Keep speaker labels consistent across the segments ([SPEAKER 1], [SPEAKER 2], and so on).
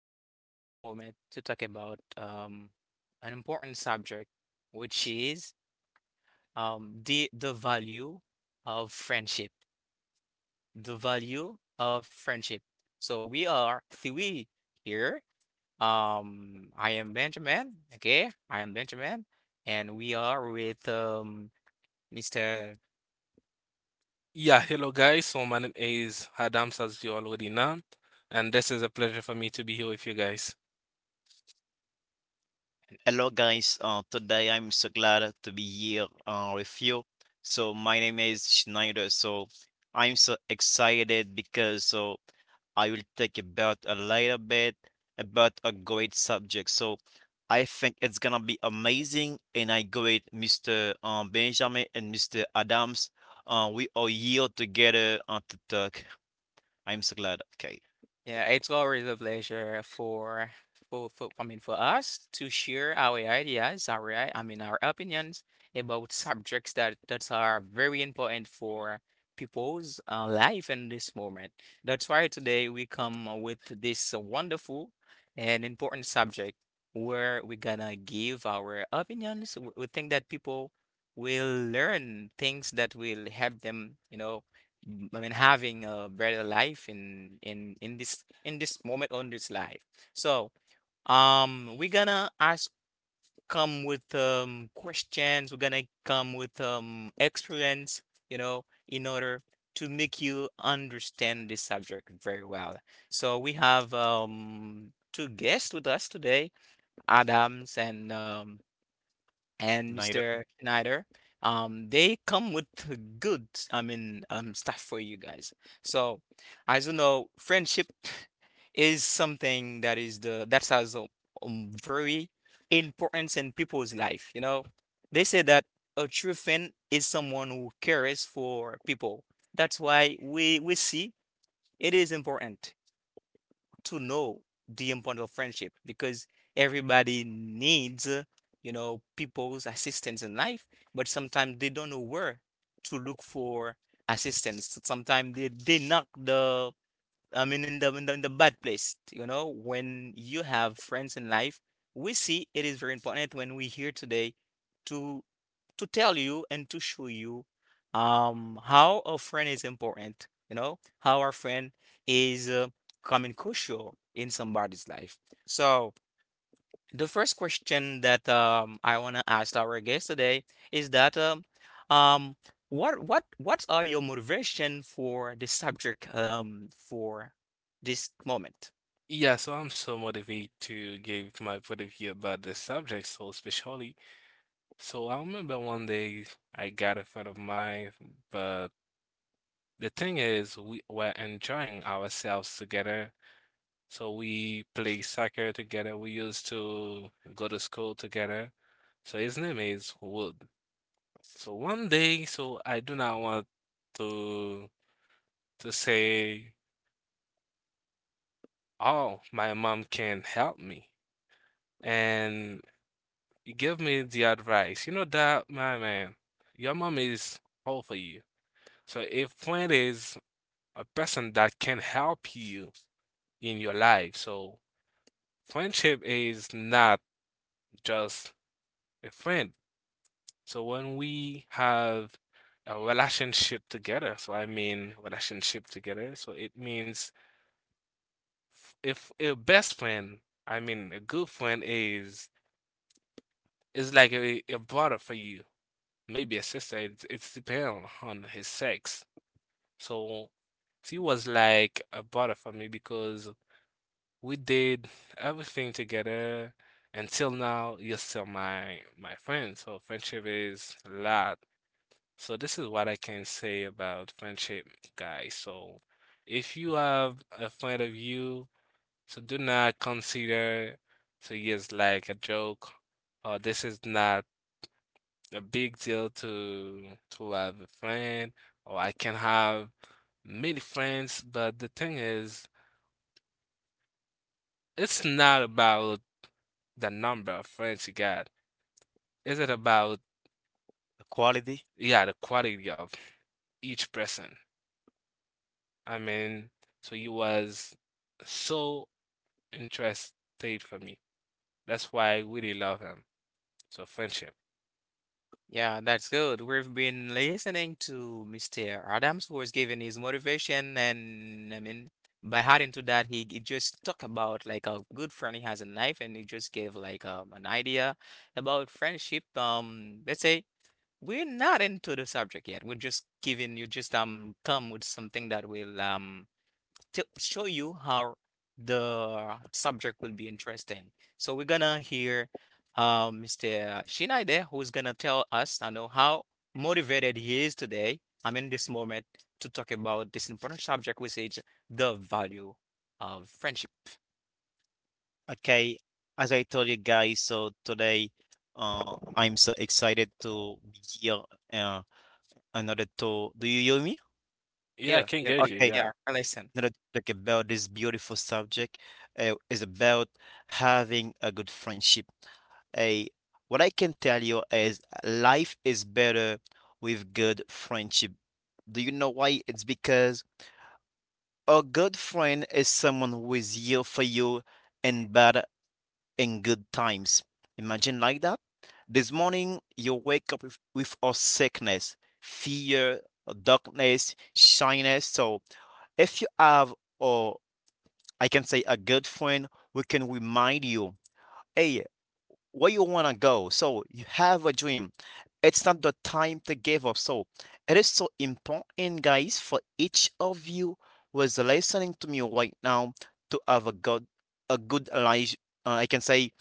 [SPEAKER 1] we're here in this moment to talk about an important subject, which is the value of friendship. The value of friendship. So we are three here. I am Benjamin. Okay, I am Benjamin, and we are with Mr.
[SPEAKER 2] Yeah, hello guys. So my name is Adams, as you already know, and this is a pleasure for me to be here with you guys.
[SPEAKER 3] Hello, guys. Today I'm so glad to be here with you. So my name is Schneider. So I'm so excited because I will talk about a little bit about a great subject. So I think it's gonna be amazing, and I go with Mr. Benjamin and Mr. Adams. We are here together to talk. I'm so glad. Okay,
[SPEAKER 1] Yeah, it's always a pleasure for I mean for us to share our ideas, I mean our opinions about subjects that are very important for people's life in this moment. That's why today we come with this wonderful and important subject where we're gonna give our opinions. We think that people will learn things that will help them, I mean, having a better life in this moment on this life. So, we're gonna ask come with questions. We're gonna come with experience, you know, in order to make you understand this subject very well. So we have two guests with us today, Adams and
[SPEAKER 3] Schneider,
[SPEAKER 1] Mr. Schneider. They come with a good, I mean, stuff for you guys. So, as you know, friendship is something that is the that has a, very importance in people's life. You know, they say that a true friend is someone who cares for people. That's why we see it is important to know the importance of friendship because everybody needs, you know, people's assistance in life, but sometimes they don't know where to look for assistance. So sometimes they knock the, I mean, in the bad place, you know, when you have friends in life, we see it is very important when we here today to to tell you and to show you how a friend is important, you know, how our friend is coming crucial in somebody's life. So the first question that I want to ask our guest today is that um what are your motivation for this subject for this moment?
[SPEAKER 2] Yeah, so I'm so motivated to give my point of view about this subject, so especially. So I remember one day I got a friend of mine, but the thing is, we were enjoying ourselves together. So we play soccer together. We used to go to school together. So his name is Wood. So one day, so I do not want to. To say, oh, my mom can help me. And you give me the advice, you know that, my man, your mom is all for you. So if friend is a person that can help you in your life, so friendship is not just a friend. So when we have a relationship together, so I mean relationship together, so it means if a best friend I mean, a good friend is it's like a brother for you, maybe a sister. It's depend on his sex. So she was like a brother for me because we did everything together. Until now, you're still my friend. So friendship is a lot. So this is what I can say about friendship, guys. So if you have a friend of you, so do not consider so yes like a joke or this is not a big deal to have a friend or I can have many friends, but the thing is, it's not about the number of friends you got. Is it about
[SPEAKER 3] quality.
[SPEAKER 2] yeah, the quality of each person? I mean, so he was so interested for me. That's why I really love him. So friendship.
[SPEAKER 1] Yeah, that's good. We've been listening to Mr. Adams, who was giving his motivation, and I mean, by adding to that, he just talked about like a good friend he has in life, and he just gave like an idea about friendship. Let's say we're not into the subject yet. We're just giving you just come with something that will to show you how the subject will be interesting. So we're gonna hear Mr. Shinaide, who's gonna tell us, I know, how motivated he is today. I mean, this moment to talk about this important subject, which is the value of friendship.
[SPEAKER 3] Okay, as I told you guys, so today I'm so excited to be here uh, another to do you hear me?
[SPEAKER 2] Yeah, I
[SPEAKER 1] Yeah,
[SPEAKER 2] can
[SPEAKER 1] yeah,
[SPEAKER 2] get you.
[SPEAKER 3] Okay,
[SPEAKER 1] yeah,
[SPEAKER 2] Yeah.
[SPEAKER 1] listen.
[SPEAKER 3] another topic about this beautiful subject is about having a good friendship. A what I can tell you is life is better with good friendship. Do you know why? It's because a good friend is someone who is here for you in bad in good times. Imagine like that. This morning, you wake up with a sickness, fear, darkness, shyness. So, if you have, or I can say, a good friend who can remind you, hey, where you want to go. So, you have a dream. It's not the time to give up. So, it is so important, guys, for each of you who is listening to me right now to have a good life. I can say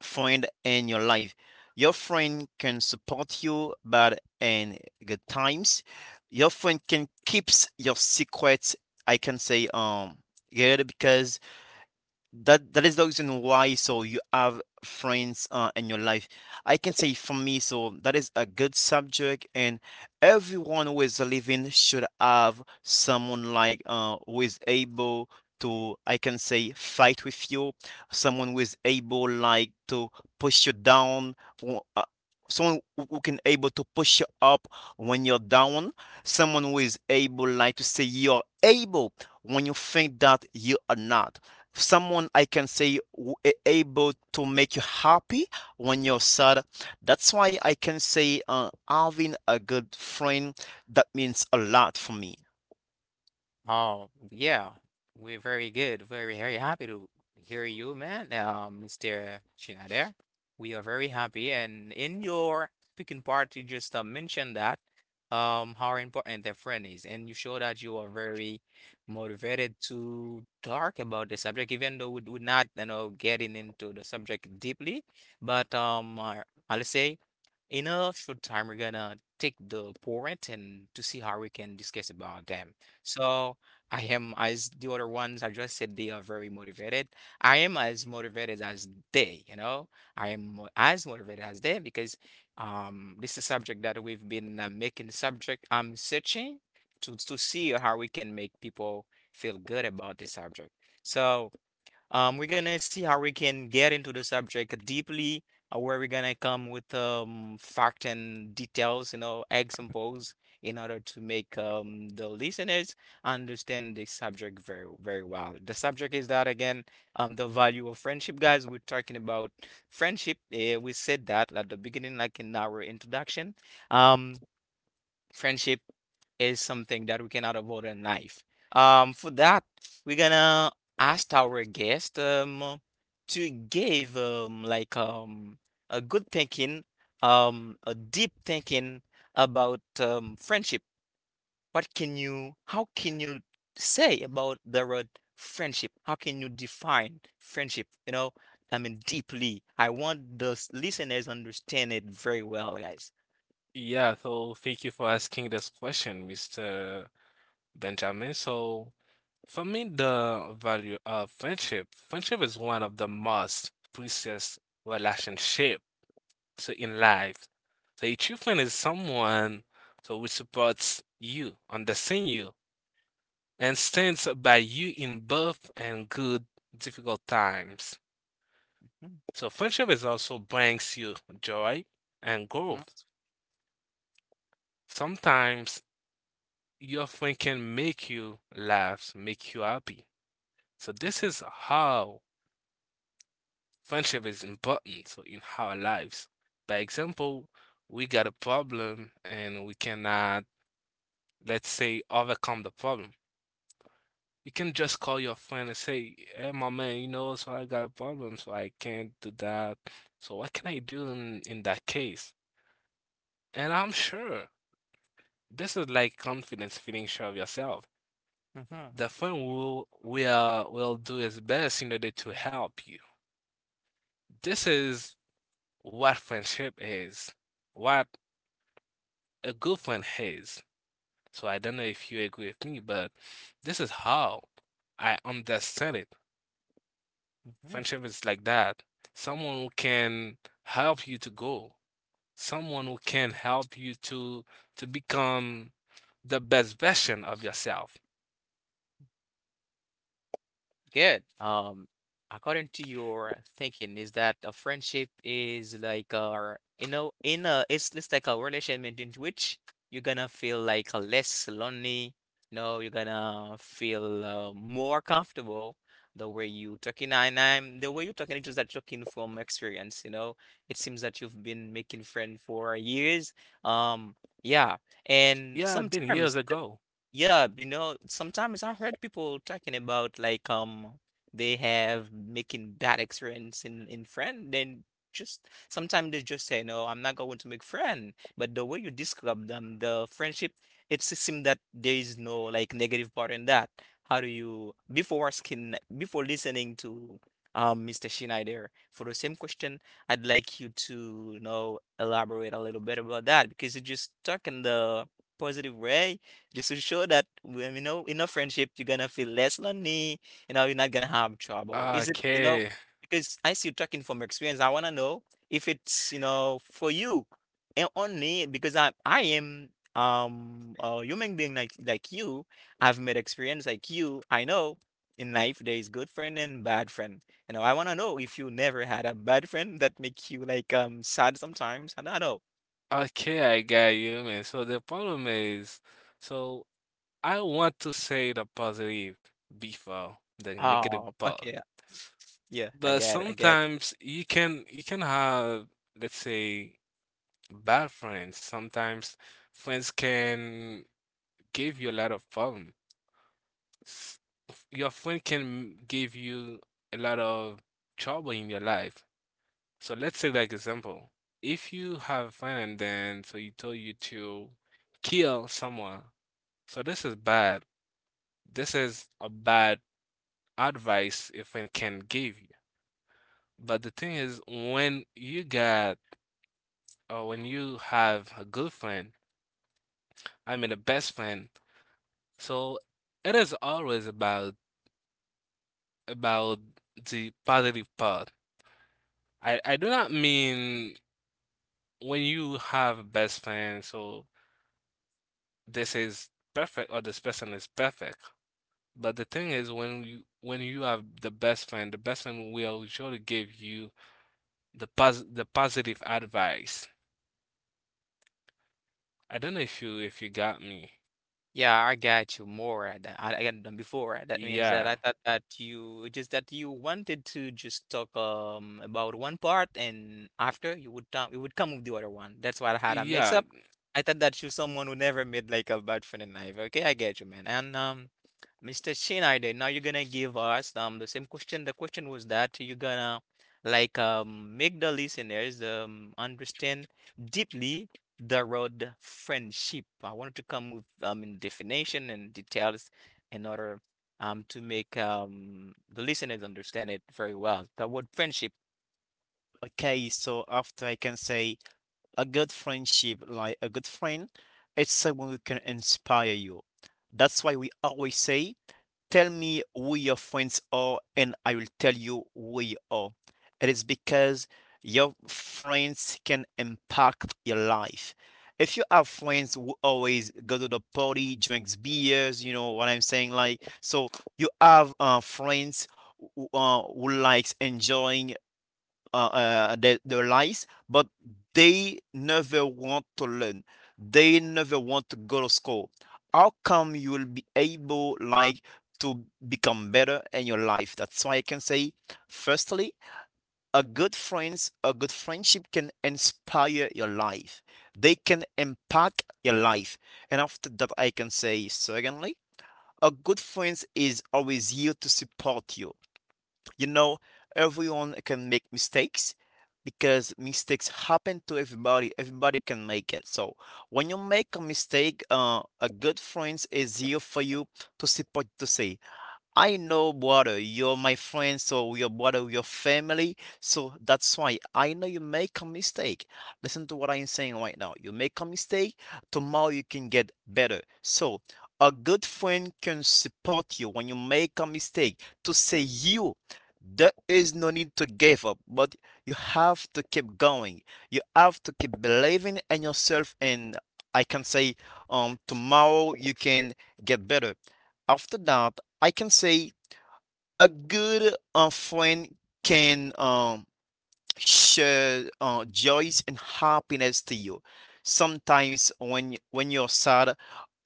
[SPEAKER 3] friend in your life. Your friend can support you bad and good times. Your friend can keeps your secrets. I can say good because that is the reason why so you have friends in your life. I can say for me, so that is a good subject, and everyone who is living should have someone like who is able to, I can say, fight with you, someone who is able like to push you down, or, someone who can able to push you up when you're down, someone who is able like to say you're able when you think that you are not someone I can say able to make you happy when you're sad. That's why I can say having a good friend that means a lot for me.
[SPEAKER 1] Oh, yeah. We're very good. Very, very happy to hear you, man. Mr. Shinader. We are very happy. And in your speaking part, you just mentioned that how important the friend is, and you show that you are very motivated to talk about the subject, even though we're not, you know, getting into the subject deeply. But I'll say. In a short time, we're gonna take the point and to see how we can discuss about them. So I am as the other ones, I just said they are very motivated. I am as motivated as they, you know. I am as motivated as they because this is a subject that we've been making subject I'm searching to see how we can make people feel good about this subject. So we're gonna see how we can get into the subject deeply, where we're gonna come with fact and details, you know, examples, in order to make the listeners understand the subject very, very well. The subject is that again, the value of friendship, guys. We're talking about friendship. We said that at the beginning, like in our introduction. Um, friendship is something that we cannot avoid in life. For that, we're gonna ask our guest to give like a good thinking, a deep thinking about friendship. What can you, how can you say about the word friendship? How can you define friendship? You know, I mean deeply. I want the listeners understand it very well, guys.
[SPEAKER 2] Yeah, so thank you for asking this question, Mr. Benjamin. So for me, the value of friendship, friendship is one of the most precious relationship so in life. So a true friend is someone so who supports you, understands you, and stands by you in both and good difficult times.
[SPEAKER 1] Mhm.
[SPEAKER 2] So friendship is also brings you joy and
[SPEAKER 1] Mhm.
[SPEAKER 2] growth. Sometimes your friend can make you laugh, make you happy. So this is how friendship is important so in our lives. By example, we got a problem and we cannot, let's say, overcome the problem. You can just call your friend and say, "Hey, my man, you know, so I got a problem, so I can't do that. So what can I do in that case?" And I'm sure this is like confidence, feeling sure of yourself.
[SPEAKER 1] Mhm.
[SPEAKER 2] The friend will do his best in order to help you. This is what friendship is what a good friend has. So I don't know if you agree with me, but this is how I understand it.
[SPEAKER 1] Mhm. Mhm.
[SPEAKER 2] Friendship is like that. Someone who can help you to go. Someone who can help you to become the best version of yourself.
[SPEAKER 1] Good. According to your thinking, is that a friendship is like a you know in a it's like a relationship in which you're gonna feel like less lonely. No, you're gonna feel more comfortable the way you talking and I'm the way you're talking it's just that talking from experience. You know, it seems that you've been making friends for years. Um, yeah, and
[SPEAKER 2] Yeah, I've been
[SPEAKER 1] sometimes.
[SPEAKER 2] years ago.
[SPEAKER 1] Yeah, you know, sometimes I heard people talking about like they have making bad experience in friend, then just sometimes they just say, no, I'm not going to make friend. But the way you describe them, the friendship, it seems that there is no like negative part in that. How do you before asking before listening to Mr. there for the same question, I'd like you to, you know, elaborate a little bit about that because you just talk in the positive way just to show that when you know in a friendship you're gonna feel less lonely, you know, you're not gonna have trouble. Is it, you know,
[SPEAKER 2] Okay.
[SPEAKER 1] because I still talking from experience, I wanna know if it's, you know, for you and only because I am a human being like you. I've made experience like you. I know in life there is good friend and bad friend. You know, I wanna know if you never had a bad friend that make you like sad sometimes. I don't know.
[SPEAKER 2] Okay, I got you, man. So the problem is, so I want to say the positive before the negative
[SPEAKER 1] Oh,
[SPEAKER 2] part.
[SPEAKER 1] okay. Yeah, I
[SPEAKER 2] But
[SPEAKER 1] get it. I get it.
[SPEAKER 2] sometimes you can have, let's say, bad friends. Sometimes friends can give you a lot of problem. S- Your friend can give you a lot of trouble in your life. So let's say like example, if you have a friend and then so he told you to kill someone. So this is bad. This is a bad advice a friend can give you. But the thing is, when you got when you have a good friend, I mean a best friend, so it is always about the positive part. I do not mean when you have a best friend, so this is perfect or this person is perfect. But the thing is, when you have the best friend will surely give you the positive advice. I don't know if you got me.
[SPEAKER 1] Yeah, I got you more at that. I got than before. Uh, that means that
[SPEAKER 2] Yeah,
[SPEAKER 1] I thought that you just that you wanted to just talk about one part, and after you would talk, you would come with the other one. That's why I had a mix
[SPEAKER 2] yeah,
[SPEAKER 1] up. I thought that you someone who never made like a bad friend in life. Okay, I get you, man. And Mr. Schneider, now you're gonna give us the same question. The question was that you're gonna like make the listeners understand deeply the road friendship. I wanted to come with in definition and details in order to make the listeners understand it very well. The word friendship.
[SPEAKER 3] Okay, so after I can say a good friendship, like a good friend, it's someone who can inspire you. That's why we always say tell me who your friends are and I will tell you who you are. It is because your friends can impact your life. If you have friends who always go to the party, drinks beers, you know what I'm saying? Like, so you have friends who, who likes enjoying their lives, but they never want to learn. They never want to go to school. How come you will be able like to become better in your life? That's why I can say, firstly, a good friends, a good friendship can inspire your life. They can impact your life. And after that, I can say, secondly, a good friend is always here to support you. Everyone can make mistakes because mistakes happen to everybody. Everybody can make it. So when you make a mistake, a good friend is here for you to support to say, I know, brother, you're my friend, so your brother, your family. So that's why I know you make a mistake. Listen to what I'm saying right now. You make a mistake, tomorrow you can get better. So a good friend can support you when you make a mistake to say you. There is no need to give up, but you have to keep going. You have to keep believing in yourself, and I can say, tomorrow you can get better. After that, I can say a good friend can share joys and happiness to you. Sometimes when you're sad,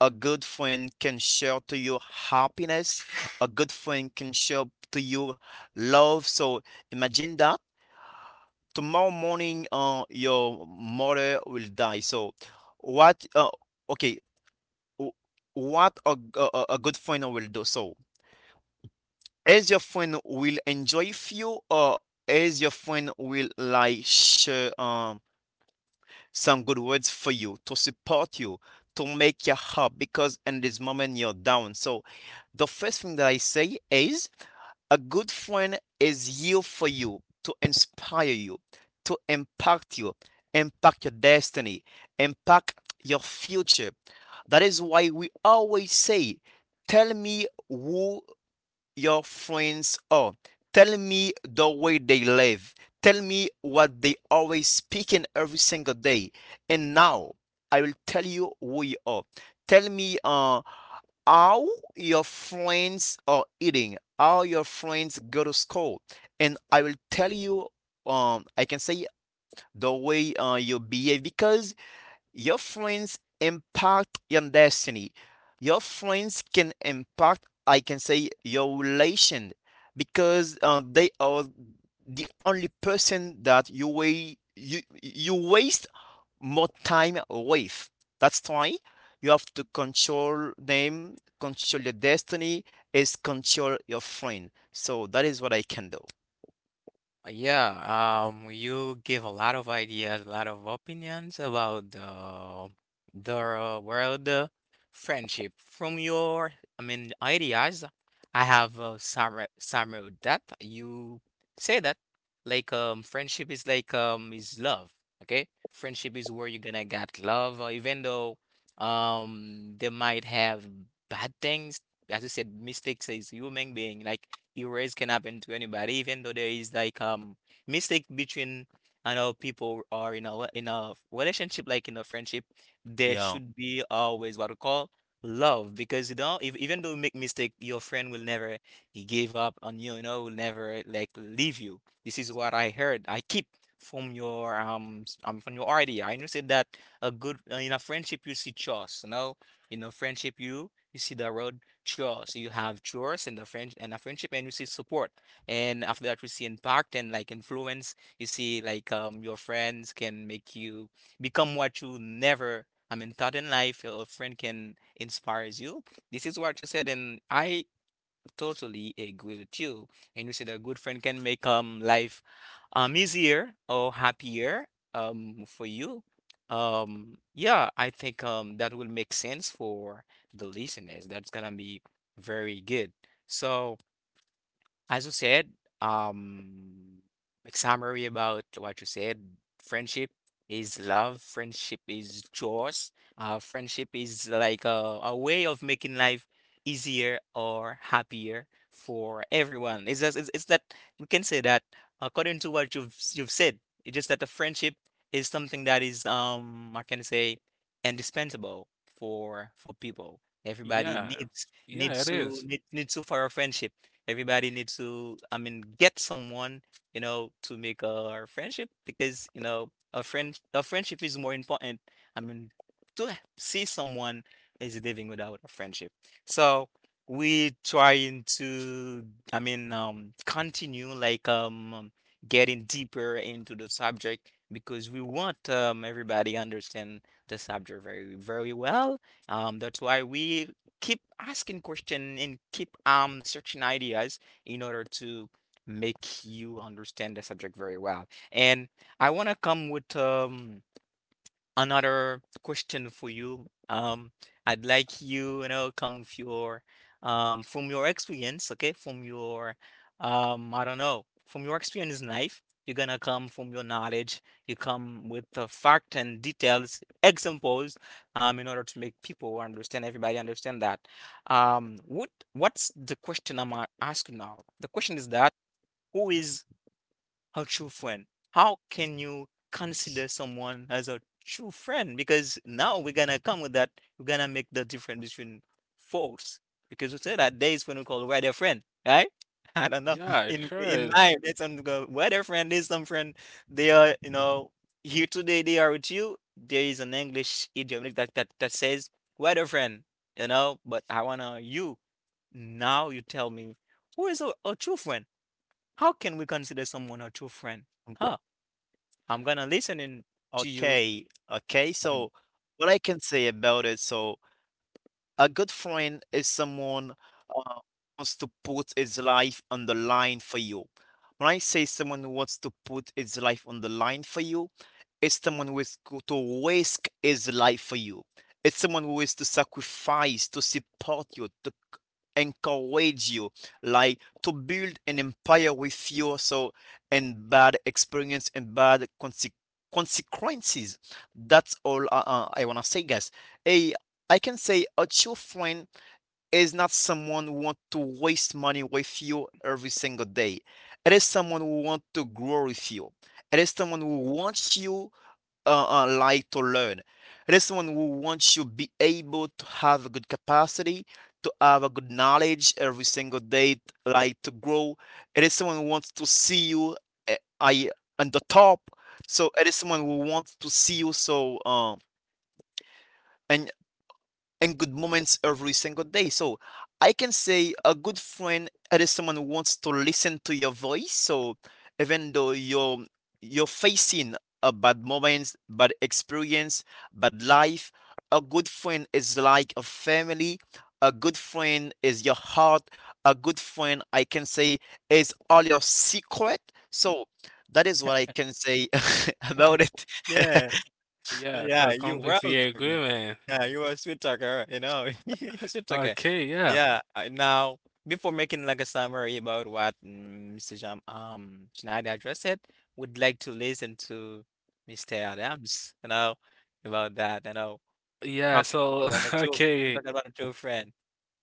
[SPEAKER 3] a good friend can share to you happiness. A good friend can share to you love. So imagine that tomorrow morning, your mother will die. So what? Okay, wh- what a, a good friend will do. So as your friend will enjoy with you or as your friend will like share some good words for you to support you to make you up because in this moment you're down. So the first thing that I say is a good friend is here for you to inspire you, to impact you, impact your destiny, impact your future. That is why we always say tell me who your friends are. Tell me the way they live. Tell me what they always speak in every single day. And now I will tell you who you are. Tell me how your friends are eating, how your friends go to school. And I will tell you, I can say the way you behave because your friends impact your destiny. Your friends can impact, I can say, your relation because they are the only person that you waste more time with. That's why you have to control them, control your destiny, is control your friend. So that is what I can do.
[SPEAKER 1] Yeah, you give a lot of ideas, a lot of opinions about the world friendship. From your, I mean, ideas, I have some of that you say that like friendship is like is love, okay? Friendship is where you're gonna get love, even though they might have bad things as you said, mistakes is human being. Like errors can happen to anybody, even though there is like mistake between I know people or in a relationship, like in a friendship, there
[SPEAKER 3] Yeah.
[SPEAKER 1] should be always what we call love because you know if even though you make mistake your friend will never give up on you, you know, will never like leave you. This is what I heard I keep from your from your idea I know said that a good in a friendship you see choice, you know, in a friendship you you see the road chores. So you have chores and the friend and a friendship, and you see support. And after that, we see impact and like influence. You see like your friends can make you become what you never. I mean, thought in life, a friend can inspires you. This is what you said, and I totally agree with you. And you said a good friend can make life easier or happier for you. Um, yeah, I think that will make sense for the listeners. That's gonna be very good. So as you said, um, like summary about what you said, friendship is love, friendship is chores, friendship is like a way of making life easier or happier for everyone. It's just, it's that we can say that according to what you've said, it's just that the friendship is something that is I can say indispensable for people. Everybody
[SPEAKER 2] yeah,
[SPEAKER 1] needs
[SPEAKER 2] yeah.
[SPEAKER 1] needs
[SPEAKER 2] It
[SPEAKER 1] to
[SPEAKER 2] is.
[SPEAKER 1] need, needs to for a friendship. Everybody needs to, I mean, get someone, you know, to make a friendship because, you know, a friend a friendship is more important. I mean, to see someone is living without a friendship. So we trying to, I mean, continue like getting deeper into the subject because we want everybody understand the subject very, very well. That's why we keep asking question and keep searching ideas in order to make you understand the subject very well. And I want to come with another question for you. I'd like you know, come with your, from your experience, okay, from your, I don't know, from your experience in life, you're gonna come from your knowledge. You come with the fact and details, examples, in order to make people understand, everybody understand that. What's the question asking now? The question is that who is a true friend. How can you consider someone as a true friend? Because now we're gonna come with that. We're gonna make the difference between folks. Because we say that days when we call weather friend, right? I don't know.
[SPEAKER 2] Yeah, it
[SPEAKER 1] In
[SPEAKER 2] sure
[SPEAKER 1] in
[SPEAKER 2] is.
[SPEAKER 1] life, there's some go weather friend. There's some friend. They are, you know, here today they are with you. There is an English idiom like that says weather friend, you know, but I wanna you. Now you tell me who is a true friend? How can we consider someone a true friend? Huh? I'm gonna listen in to you.
[SPEAKER 3] Okay, okay. So, what I can say about it, so a good friend is someone uh, wants to put his life on the line for you. When I say someone who wants to put his life on the line for you, it's someone who to risk his life for you. It's someone who is to sacrifice, to support you, encourage you, like to build an empire with you. So, and bad experience and bad consequences. That's all I wanna say, guys. Hey, I can say a true friend is not someone who want to waste money with you every single day. It is someone who want to grow with you. It is someone who wants you like to learn. It is someone who wants you to be able to have a good capacity, to have a good knowledge every single day, like to grow. It is someone who wants to see you I on the top. So it is someone who wants to see you so and and good moments every single day. So I can say a good friend is someone who wants to listen to your voice. So even though you're facing a bad moments, bad experience, bad life, a good friend is like a family. A good friend is your heart. A good friend, I can say, is all your secret. So that is what I can say about it.
[SPEAKER 1] Yeah,
[SPEAKER 2] Yeah,
[SPEAKER 1] yeah,
[SPEAKER 2] so I
[SPEAKER 1] you well
[SPEAKER 2] completely agree,
[SPEAKER 1] talker.
[SPEAKER 2] man.
[SPEAKER 1] Yeah, you are a sweet talker, you know. You're a sweet talker.
[SPEAKER 2] Okay, yeah.
[SPEAKER 1] Yeah. Now, before making like a summary about what Mr. Jam Schneider addressed, would like to listen to Mr. Adams, you know, about that, you know.
[SPEAKER 2] Yeah,
[SPEAKER 1] How can we talk
[SPEAKER 2] so
[SPEAKER 1] about a true how can we
[SPEAKER 2] okay.
[SPEAKER 1] talk about a true friend?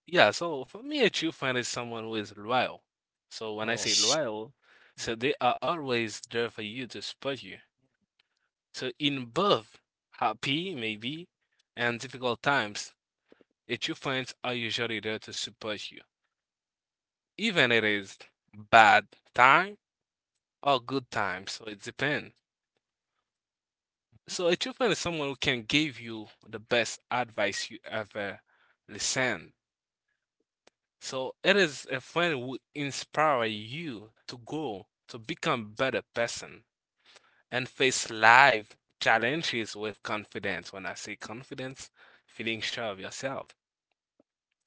[SPEAKER 2] Yeah, so for me a true friend is someone who is loyal. So when I say
[SPEAKER 1] Oh.
[SPEAKER 2] loyal, so they are always there for you to support you.
[SPEAKER 1] Mm-hmm.
[SPEAKER 2] So in both happy maybe and difficult times, a true friends are usually there to support you. Even it is bad time or good time, so it depends.
[SPEAKER 1] Mhm.
[SPEAKER 2] So a true friend is someone who can give you the best advice you ever listen, so it is a friend who inspire you to grow, to become better person, and face life challenges with confidence. When I say confidence, feeling sure of yourself.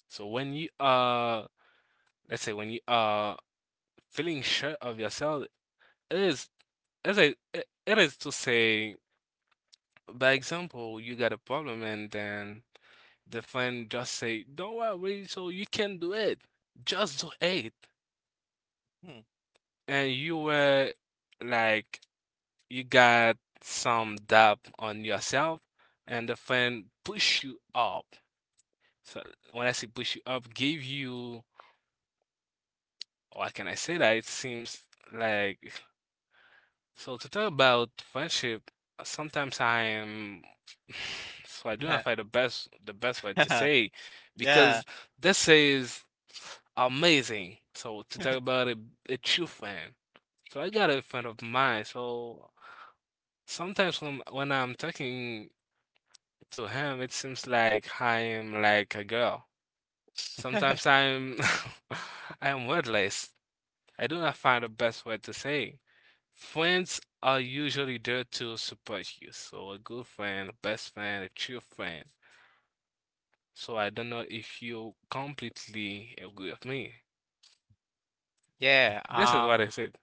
[SPEAKER 2] So when you are, let's say when you are feeling sure of yourself, it is, it's a, it is to say by example, you got a problem and then the friend just say, "Don't worry, so you can do it. Just do it." And you were like, you got some doubt on yourself, and the friend push you up. So when I say push you up, give you, or can I say that? It seems like so to talk about friendship, sometimes I am so I do
[SPEAKER 1] Hmm.
[SPEAKER 2] not find the best way to say
[SPEAKER 1] Yeah.
[SPEAKER 2] because this is amazing. So to talk about a true friend. So I got a friend of mine. So sometimes when I'm talking to him, it seems like I am like a girl. Sometimes I'm I am wordless. I do not find the best way to say. Friends are usually there to support you. So a good friend, a best friend, a true friend. So I don't know if you completely agree with me.
[SPEAKER 1] Yeah.
[SPEAKER 2] This is what I said.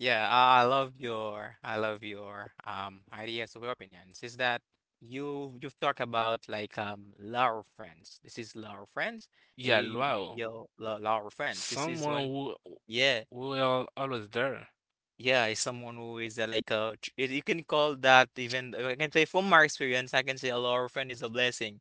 [SPEAKER 1] Yeah, I love your ideas of your opinions. Is that you've talked about like law of friends. This is law of friends.
[SPEAKER 2] Yeah,
[SPEAKER 1] You
[SPEAKER 2] wow.
[SPEAKER 1] law of friends. This is
[SPEAKER 2] Someone
[SPEAKER 1] when
[SPEAKER 2] who
[SPEAKER 1] yeah.
[SPEAKER 2] who are always there.
[SPEAKER 1] Yeah, is someone who is like you you can call that even I can say from my experience, I can say a law friend is a blessing.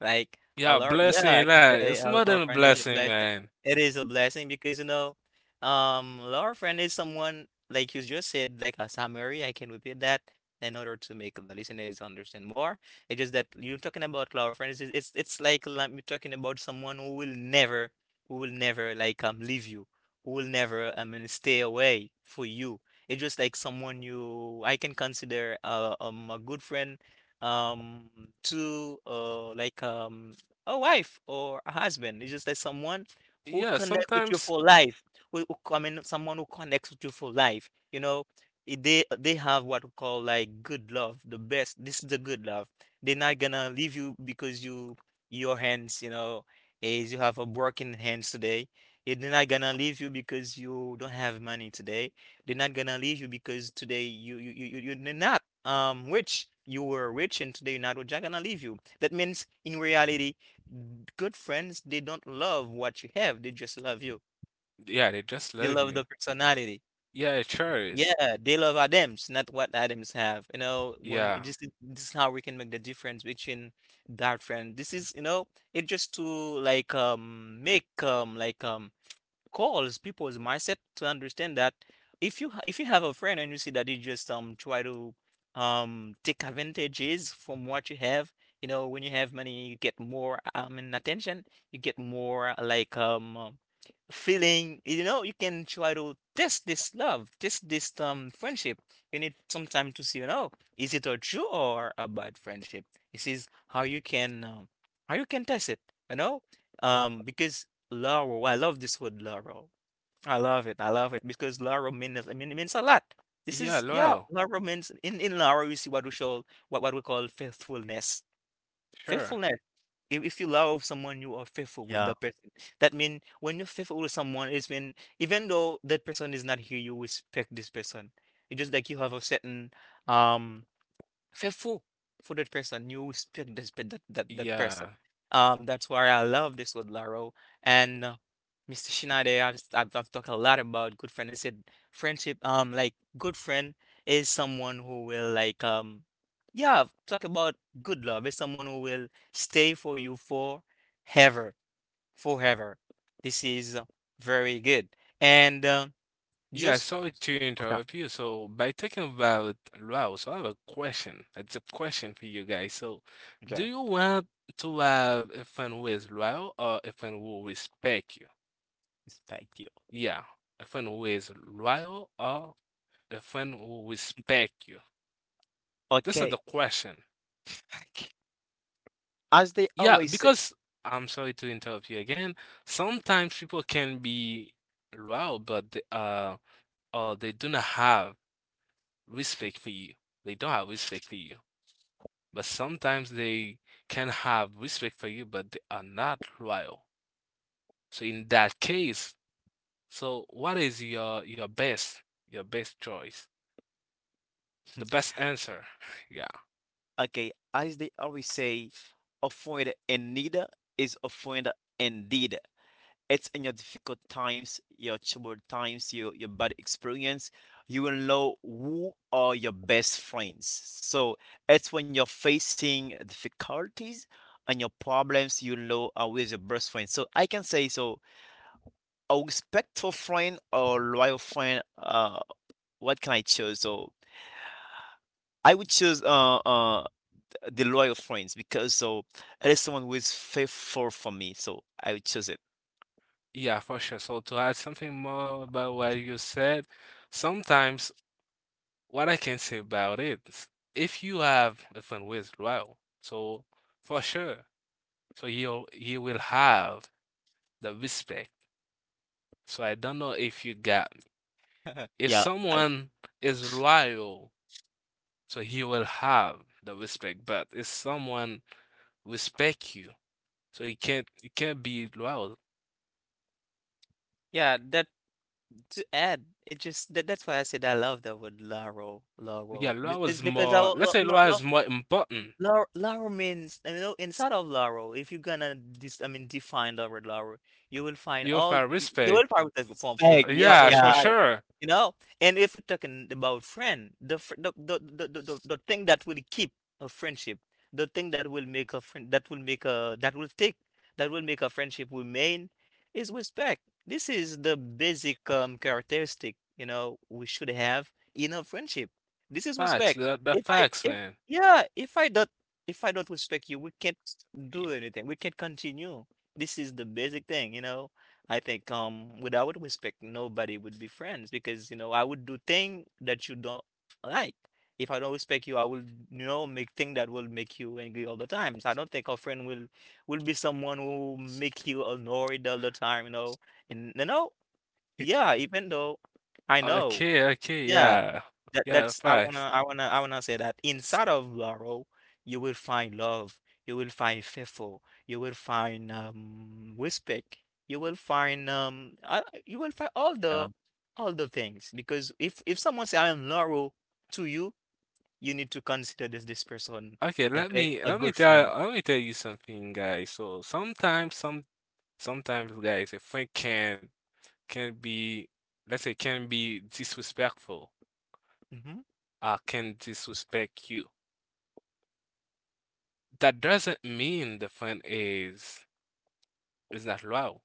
[SPEAKER 1] Like a
[SPEAKER 2] Yeah,
[SPEAKER 1] law, yeah, I
[SPEAKER 2] blessing,
[SPEAKER 1] can
[SPEAKER 2] that
[SPEAKER 1] say
[SPEAKER 2] it's
[SPEAKER 1] a
[SPEAKER 2] more
[SPEAKER 1] law
[SPEAKER 2] than a
[SPEAKER 1] friend is a
[SPEAKER 2] blessing,
[SPEAKER 1] blessing.
[SPEAKER 2] man.
[SPEAKER 1] It is a blessing because you know, law friend is someone like you just said, like a summary. I can repeat that in order to make the listeners understand more. It's just that you're talking about lower friends. It's like you're talking about someone who will never like leave you, will never, I mean, stay away for you. It's just like someone you I can consider a good friend um to like a wife or a husband. It's just like someone who
[SPEAKER 2] Yeah,
[SPEAKER 1] connect with you
[SPEAKER 2] sometimes
[SPEAKER 1] for life. Who I mean, someone who connects with you for life. You know, they have what we call like good love, the best. This is the good love. They're not gonna leave you because you your hands, you know, is you have a broken hands today They're not gonna leave you because you don't have money today. They're not gonna leave you because today you're not rich. You were rich and today you're not rich. They're gonna leave you. That means in reality, good friends they don't love what you have. They just love you.
[SPEAKER 2] yeah, they just
[SPEAKER 1] They
[SPEAKER 2] love
[SPEAKER 1] love
[SPEAKER 2] you.
[SPEAKER 1] the personality.
[SPEAKER 2] Yeah, sure is.
[SPEAKER 1] Yeah, they love Adams, not what Adams have. You know, when it
[SPEAKER 2] Yeah.
[SPEAKER 1] just this is how we can make the difference between that friend. This is you know it just to like make like calls people's mindset to understand that if you have a friend and you see that they just try to take advantages from what you have, you know when you have money you get more and attention, you get more like feeling, you know you can try to test this love, test this friendship. You need some time to see, you know, is it a true or a bad friendship. This is how you can test it, you know. Um, because laurel, I love this word laurel. I love it, I love it because laurel means, I mean it means a lot. This is,
[SPEAKER 2] Yeah,
[SPEAKER 1] yeah,
[SPEAKER 2] well,
[SPEAKER 1] laurel means, in laurel you see what we show, what we call faithfulness.
[SPEAKER 2] sure.
[SPEAKER 1] Faithfulness, if you love someone you are faithful with
[SPEAKER 3] Yeah,
[SPEAKER 1] that person. That means when you're faithful with someone it's mean even though that person is not here you respect this person. It's just like you have a certain um faithful for that person. You respect this, pe- that, that that person.
[SPEAKER 2] Yeah.
[SPEAKER 1] That's why I love this with Laro, and Mr. Shinade. I've talked a lot about good friend. I said friendship. Like good friend is someone who will like yeah, talk about good love. Is someone who will stay for you forever, forever. This is very good, and
[SPEAKER 2] Yeah,
[SPEAKER 1] just
[SPEAKER 2] sorry to interrupt you. So by talking about Luau, so I have a question. It's a question for you guys. So
[SPEAKER 1] okay. Okay.
[SPEAKER 2] do you want to have a friend who is loyal or a friend who will respect you?
[SPEAKER 3] respect you.
[SPEAKER 2] Yeah, a friend who is loyal or a friend who will respect you? This is the
[SPEAKER 3] Okay.
[SPEAKER 2] question.
[SPEAKER 3] As they
[SPEAKER 2] Yeah,
[SPEAKER 3] always say.
[SPEAKER 2] because I'm sorry to interrupt you again. Sometimes people can be loyal, but they, or they do not have respect for you. They don't have respect for you. But sometimes they can have respect for you, but they are not loyal. So in that case, so what is your best your best choice? The best answer. Yeah.
[SPEAKER 3] Okay, as they always say, offend and neither is offend indeed. It's in your difficult times, your troubled times, your bad experience, you will know who are your best friends. So it's when you're facing difficulties and your problems, you know who is your best friend. So I can say so a respectful friend or loyal friend, what can I choose? So I would choose the loyal friends because so it is someone who is faithful for me, so I would choose it.
[SPEAKER 2] Yeah, for sure. So to add something more about what you said, sometimes what I can say about it is if you have a fun with Raul, so for sure, so you will have the respect. So I don't know if you got me. If
[SPEAKER 3] Yeah, I
[SPEAKER 2] someone is loyal, so he will have the respect. But if someone respect you, so he can't you can't be loyal.
[SPEAKER 1] Yeah, that to add. It just that, that's why I said I love the word "laro,"
[SPEAKER 2] Yeah,
[SPEAKER 1] "laro,"
[SPEAKER 2] loyal
[SPEAKER 1] because
[SPEAKER 2] is
[SPEAKER 1] because I,
[SPEAKER 2] more. Let's say loyal is more important.
[SPEAKER 1] Laro means, you know, inside of Laro, if you're gonna dis I mean define the word Laro, you will find
[SPEAKER 2] You have
[SPEAKER 1] you
[SPEAKER 2] respect.
[SPEAKER 1] will find the form,
[SPEAKER 3] beg.
[SPEAKER 1] yeah,
[SPEAKER 2] Yeah,
[SPEAKER 1] will
[SPEAKER 2] for
[SPEAKER 3] Yeah,
[SPEAKER 1] find it.
[SPEAKER 2] sure.
[SPEAKER 1] You know? And if you're talking about friend, the fr the thing that will keep a friendship, the thing that will make a friend, that will take, that will make a friendship remain, is respect. This is the basic characteristic, you know, we should have in a friendship. This is
[SPEAKER 2] Facts.
[SPEAKER 1] respect.
[SPEAKER 2] The
[SPEAKER 1] If I
[SPEAKER 2] facts,
[SPEAKER 1] if
[SPEAKER 2] man.
[SPEAKER 1] yeah, if I don't respect you, we can't do
[SPEAKER 3] you.
[SPEAKER 1] anything. We can't continue. This is the basic thing, you know. I think without respect, nobody would be friends because you know I would do thing that you don't like. If I don't respect you, I will you know make thing that will make you angry all the time. So I don't think a friend will be someone who make you annoyed all the time, you know. And you know, yeah, even though I know,
[SPEAKER 2] Okay, okay,
[SPEAKER 1] yeah.
[SPEAKER 2] yeah.
[SPEAKER 1] That
[SPEAKER 2] Yeah,
[SPEAKER 1] that's I
[SPEAKER 2] facts.
[SPEAKER 1] wanna I wanna I wanna say that inside of Laurel, you will find love, you will find faithful, you will find respect, you will find
[SPEAKER 3] Yeah,
[SPEAKER 1] all the things because if someone say I am Laurel to you, you need to consider this person
[SPEAKER 2] Okay,
[SPEAKER 1] a
[SPEAKER 2] let me
[SPEAKER 1] a
[SPEAKER 2] let me
[SPEAKER 1] good friend.
[SPEAKER 2] tell let me tell you something, guys. So sometimes guys a friend can be let's say can be disrespectful
[SPEAKER 1] Hmm.
[SPEAKER 2] can disrespect you. That doesn't mean the friend is not loyal.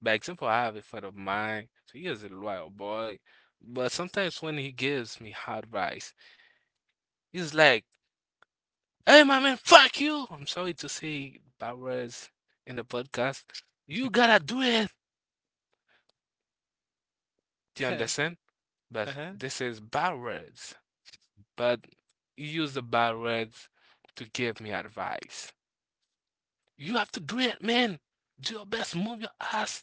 [SPEAKER 2] By example, I have a friend of mine, so he is a loyal boy. But sometimes when he gives me advice, he's like hey, my man, fuck you. I'm sorry to say bad words in the podcast. You gotta do it. Do you understand? But
[SPEAKER 1] Uh-huh.
[SPEAKER 2] this is bad words. But you use the bad words to give me advice. You have to do it, man. Do your best. Move your ass.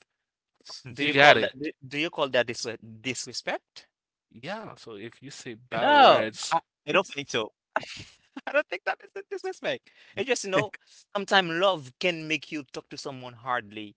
[SPEAKER 2] You got it.
[SPEAKER 1] Do you call that disrespect?
[SPEAKER 2] Yeah. So if you say bad
[SPEAKER 1] No,
[SPEAKER 2] words,
[SPEAKER 1] I,
[SPEAKER 3] I
[SPEAKER 1] this
[SPEAKER 3] don't think so.
[SPEAKER 1] I don't think that is a disrespect. It's just, you know, sometimes love can make you talk to someone hardly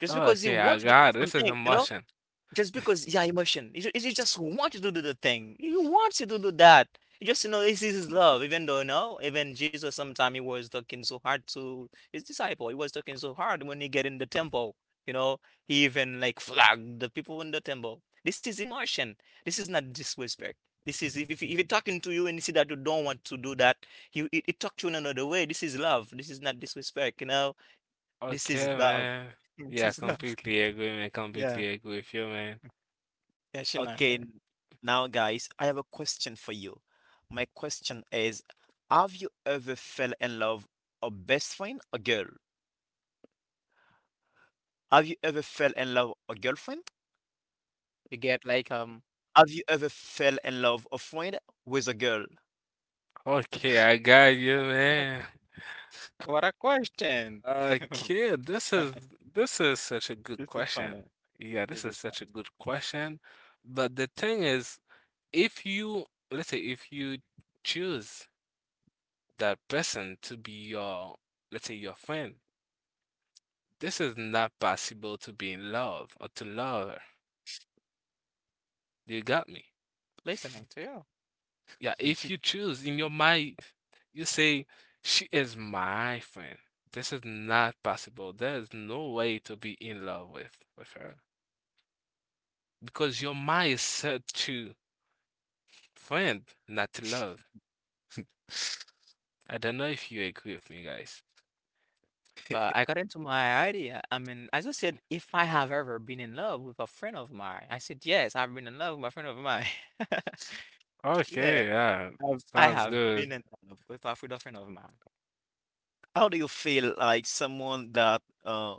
[SPEAKER 1] just because you
[SPEAKER 2] okay, I
[SPEAKER 1] want to do
[SPEAKER 2] got it. This is
[SPEAKER 1] something, you know?
[SPEAKER 2] emotion.
[SPEAKER 1] Just because yeah emotion you, you just want you to do the thing you want you to do that you just you know this is love even though no. Even Jesus sometimes he was talking so hard to his disciple, he was talking so hard when he get in the temple, you know. He even like flagged the people in the temple. This is emotion, this is not disrespect. This is if he talking to you and you see that you don't want to do that, he talk to you in another way. This is love, this is not disrespect, you know. This is
[SPEAKER 2] Okay,
[SPEAKER 1] love.
[SPEAKER 2] man.
[SPEAKER 1] This
[SPEAKER 2] Yeah,
[SPEAKER 1] is love.
[SPEAKER 2] completely agree, man.
[SPEAKER 1] Yeah.
[SPEAKER 2] Completely agree with you, man.
[SPEAKER 1] Yeah she not
[SPEAKER 3] Okay, now guys, I have a question for you. My question is, have you ever fell in love a best friend, a girl? Have you ever fell in love a girlfriend?
[SPEAKER 1] you get.
[SPEAKER 3] Have you ever fell in love a friend with a girl?
[SPEAKER 2] Okay, I got you, man.
[SPEAKER 1] What a question.
[SPEAKER 2] Kid, this is such a good
[SPEAKER 1] This is
[SPEAKER 2] question.
[SPEAKER 1] funny.
[SPEAKER 2] Yeah, this
[SPEAKER 1] This
[SPEAKER 2] is
[SPEAKER 1] is fun.
[SPEAKER 2] such a good question. But the thing is, if you let's say if you choose that person to be your let's say your friend, this is not possible to be in love or to love her. You got me?
[SPEAKER 1] Listening to you.
[SPEAKER 2] Yeah, if you choose in your mind, you say she is my friend. This is not possible. There is no way to be in love with her. Because your mind is set to friend, not to love. I don't know if you agree with me, guys.
[SPEAKER 1] But I got into my idea. I mean, as I just said, if I have ever been in love with a friend of mine, I said, yes, I've been in love with a friend of mine. Yeah,
[SPEAKER 2] Okay, yeah,
[SPEAKER 1] I
[SPEAKER 2] sounds
[SPEAKER 1] have been
[SPEAKER 2] good.
[SPEAKER 1] in love with a friend of mine.
[SPEAKER 3] How do you feel like someone that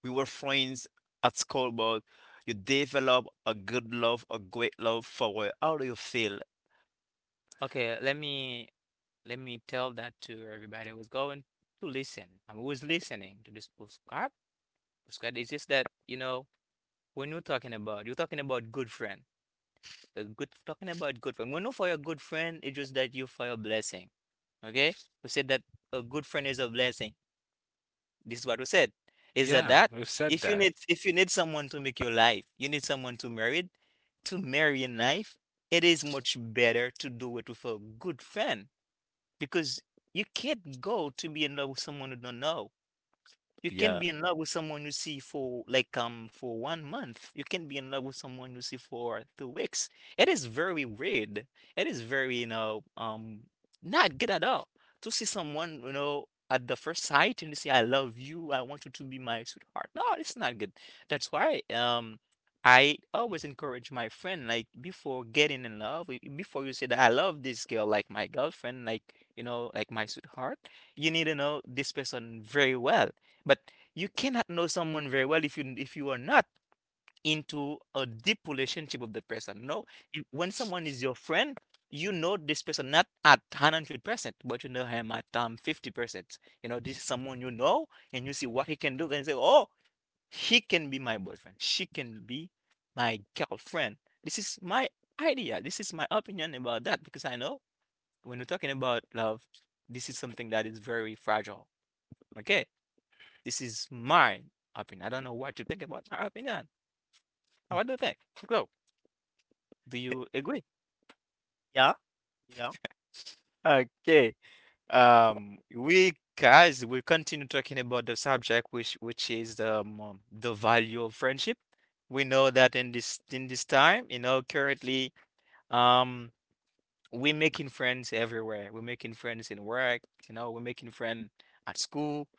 [SPEAKER 3] we were friends at school, but you develop a good love, a great love for her? How do you feel?
[SPEAKER 1] Okay, let me tell that to everybody who's going to listen and who's listening to this postcard. Postcard is just that, you know, when you're talking about good friend. When you for a good friend, it's just that you for a blessing. Okay? We said that a good friend is a blessing. This is what we said. Is that
[SPEAKER 2] Yeah,
[SPEAKER 1] that?
[SPEAKER 2] we've said that.
[SPEAKER 1] If you need someone to make your life, you need someone to marry in life, it is much better to do it with a good friend because you can't go to be in love with someone you don't know. You can
[SPEAKER 3] Yeah.
[SPEAKER 1] be in love with someone you see for like for one month. You can be in love with someone you see for 2 weeks. It is very weird. It is very not good at all to see someone at the first sight and say, "I love you, I want you to be my sweetheart." No, it's not good. That's why I always encourage my friend, like before getting in love, before you say that I love this girl, like my girlfriend, like my sweetheart, you need to know this person very well. But you cannot know someone very well if you are not into a deep relationship with that person. No, if, when someone is your friend, you know this person not at 100%, but you know him at 50%. You know, this is someone you know and you see what he can do and you say, "Oh, he can be my boyfriend. She can be my girlfriend." This is my idea. This is my opinion about that because I know when we're talking about love, this is something that is very fragile. Okay. This is my opinion. I don't know what you think about my opinion.
[SPEAKER 3] Mm,
[SPEAKER 1] What do you think? So, do you agree?
[SPEAKER 3] yeah, yeah.
[SPEAKER 1] Okay. We guys will continue talking about the subject, which is the value of friendship. We know that in this time, you know, currently, um, we're making friends everywhere. We're making friends in work, you know, we're making friends at school.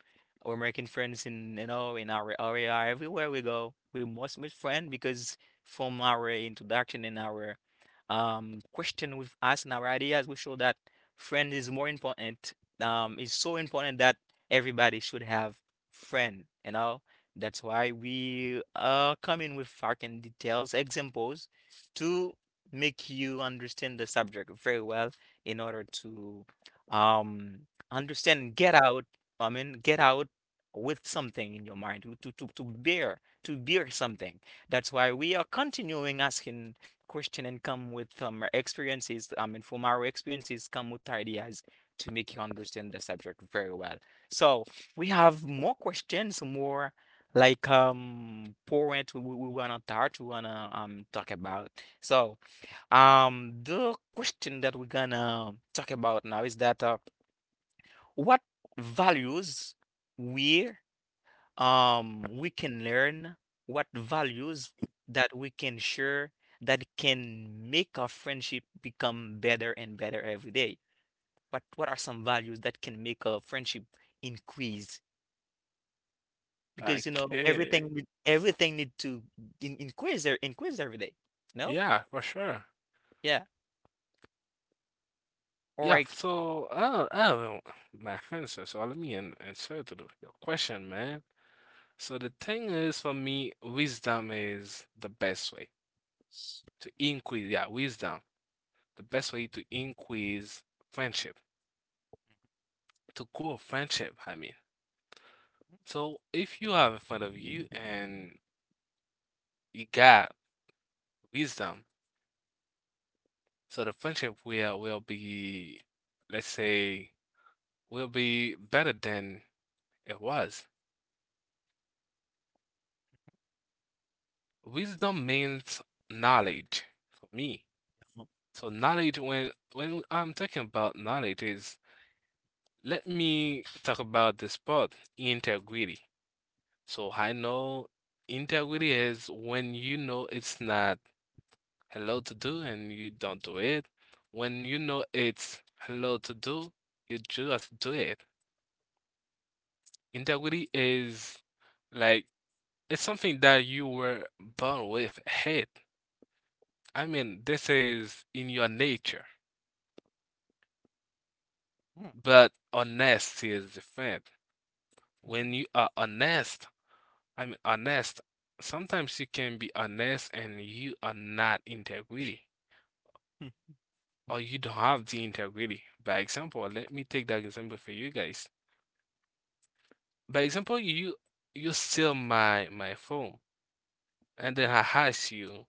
[SPEAKER 1] We're making friends in, you know, in our area, everywhere we go. We must make friends because from our introduction and our question with us and our ideas, we show that friend is more important. It's so important that everybody should have friend, you know. That's why we are coming with fucking details, examples to make you understand the subject very well in order to um understand and get out with something in your mind to bear something. That's why we are continuing asking question and come with experiences. I mean from our experiences come with ideas to make you understand the subject very well. So we have more questions, more like point we wanna touch, we wanna talk about. So the question that we're gonna talk about now is that what values we we can learn, what values that we can share that can make our friendship become better and better every day. What are some values that can make a friendship increase? Because you know
[SPEAKER 2] Okay.
[SPEAKER 1] everything need to increase increase every day. No?
[SPEAKER 2] Yeah, for sure.
[SPEAKER 1] Yeah. All
[SPEAKER 2] Yeah,
[SPEAKER 1] right.
[SPEAKER 2] so my answer. So let me answer to the, your question, man. So the thing is, for me, wisdom is the best way to increase. Yeah, wisdom, the best way to increase friendship, to grow friendship. I mean. So if you have in front of you and you got wisdom, so the friendship will be, let's say, will be better than it was. Wisdom means knowledge for me.
[SPEAKER 3] Mhm.
[SPEAKER 2] So knowledge when I'm talking about knowledge is let me talk about this part, integrity. So I know integrity is when you know it's not hello to do and you don't do it. When you know it's hello to do, you just do it. Integrity is like it's something that you were born with. Hate. I mean, this is in your nature. But honesty is different. When you are honest, I mean honest, sometimes you can be honest and you are not integrity or you don't have the integrity. By example, let me take that example for you guys. By example, you steal my phone, and then I ask you,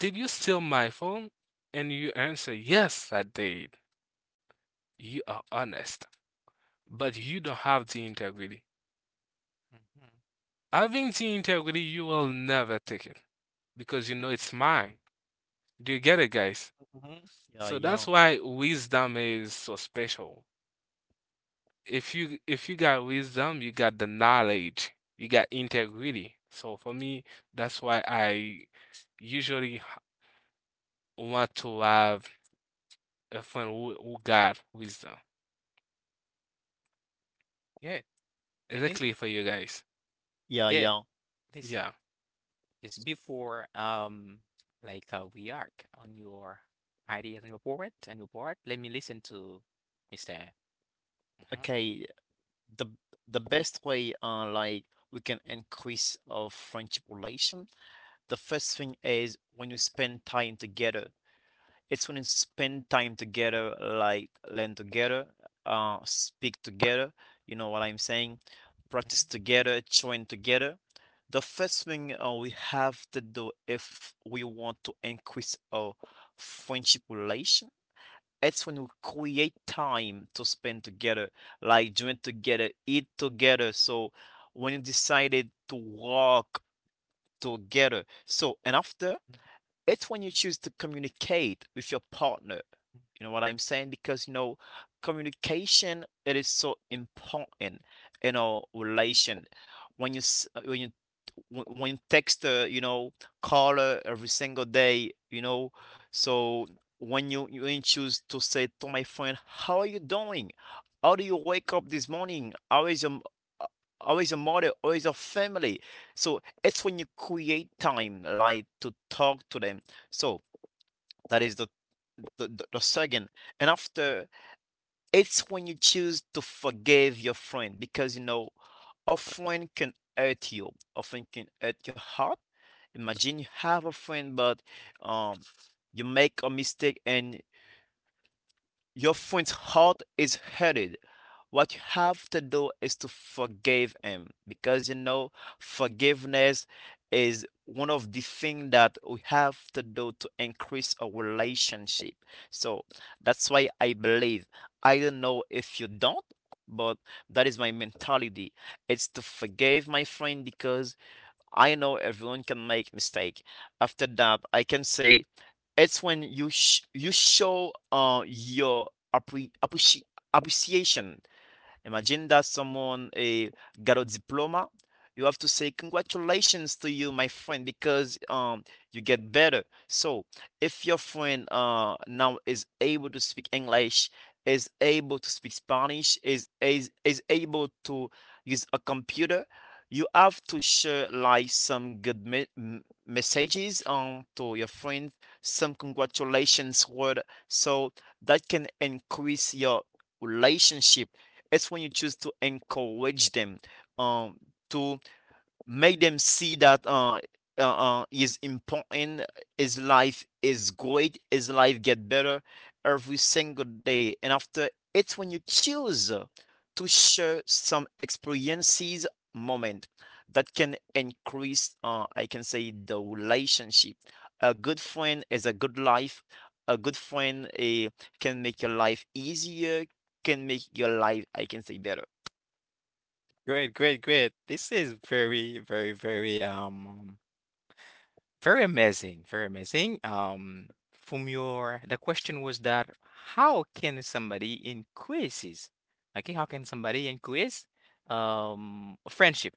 [SPEAKER 2] "Did you steal my phone?" And you answer, "Yes, I did." You are honest, but you don't have the integrity.
[SPEAKER 1] Hmm.
[SPEAKER 2] Having the integrity, you will never take it because you know it's mine. Do you get it, guys?
[SPEAKER 1] Mhm.
[SPEAKER 3] Yeah,
[SPEAKER 2] So
[SPEAKER 3] yeah.
[SPEAKER 2] that's why wisdom is so special. If you got wisdom, you got the knowledge, you got integrity. So for me, that's why I usually want to have a friend who got wisdom.
[SPEAKER 1] Good. Let me
[SPEAKER 2] Exactly for you guys.
[SPEAKER 3] Yeah,
[SPEAKER 1] good.
[SPEAKER 3] yeah.
[SPEAKER 1] Listen,
[SPEAKER 2] Yeah.
[SPEAKER 1] it's before we are on your ideas and report and your report. Let me listen to Mr. Mhm.
[SPEAKER 3] Okay, the the best way like we can increase our friendship relation the first thing is when you spend time together. It's when you spend time together like learn together, speak together, you know what I'm saying,
[SPEAKER 1] Mhm.
[SPEAKER 3] practice together, train together. The first thing we have to do if we want to increase our friendship relation, it's when we create time to spend together, like drink together, eat together. So when you decided to walk together. So and after, it's when you choose to communicate with your partner. You know what I'm saying? Because you know, communication it is so important in our relation. When when you when text you know caller every single day you know. So when you choose to say to my friend how are you doing, how do you wake up this morning, uh, how is your mother, how is your family. So it's when you create time like to talk to them. So that is the the second. And after, it's when you choose to forgive your friend because you know a friend can hurt you, a friend can hurt your heart. Imagine you have a friend, but um, you make a mistake and your friend's heart is hurted. What you have to do is to forgive him because you know forgiveness is one of the things that we have to do to increase our relationship. So that's why I believe. I don't know if you don't, but that is my mentality. It's to forgive my friend because I know everyone can make mistake. After that, I can say it's when you show your appre- appreci- appreciation. Imagine that someone got a diploma. You have to say congratulations to you, my friend, because you get better. So if your friend now is able to speak English, is able to speak Spanish, is able to use a computer, you have to share like some good messages to your friend, some congratulations word, so that can increase your relationship. It's when you choose to encourage them um to make them see that is important, his life is great, his life get better every single day. And after, it's when you choose to share some experiences, moment that can increase, I can say, the relationship. A good friend is a good life. A good friend can make your life easier, can make your life, I can say, better.
[SPEAKER 1] Great, great, great. This is very, very, very, very amazing, very amazing. From your, the question was that how can somebody increases, okay, how can somebody increase, friendship?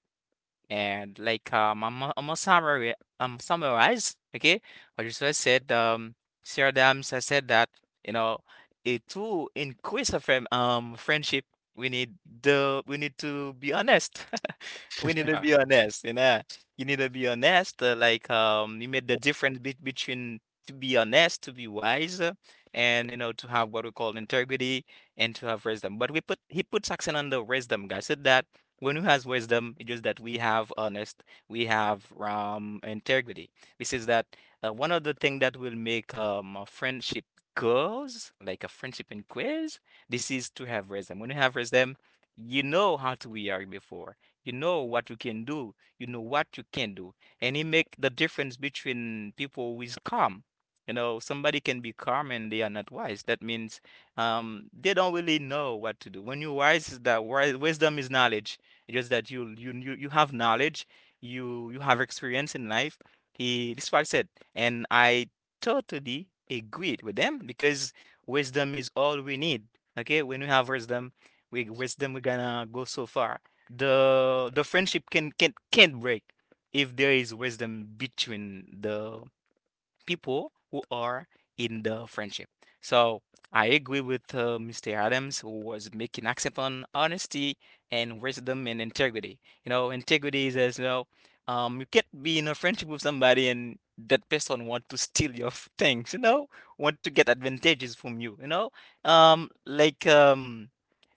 [SPEAKER 1] And like I'm gonna summary summarize, okay? What you just said, Sarah Adams has said that you know, it to increase a friendship, we need the we need to be honest. We need to
[SPEAKER 2] Yeah,
[SPEAKER 1] be honest, you know. You need to be honest. You made the difference be between to be honest, to be wise, and you know to have what we call integrity and to have wisdom. But we put he puts accent on the wisdom, guys. Said that one who has wisdom, it's just that we have honest, we have integrity. This is that One of the thing that will make a friendship goes like a friendship in quiz. This is to have wisdom. When you have wisdom, you know how to react before. You know what you can do. You know what you can do, and it make the difference between people who is calm. You know, somebody can be calm and they are not wise. That means they don't really know what to do when you wise is that wise wisdom is knowledge. It's just that you have knowledge, you have experience in life. He This is what I said, and I totally agreed with them because wisdom is all we need. Okay, when we have wisdom, we're gonna go so far. The friendship can't break if there is wisdom between the people who are in the friendship. So I agree with Mr. Adams, who was making accent on honesty and wisdom and integrity. You know, integrity is as you know, you can't be in a friendship with somebody and that person want to steal your things. You know, want to get advantages from you. You know, um, like um.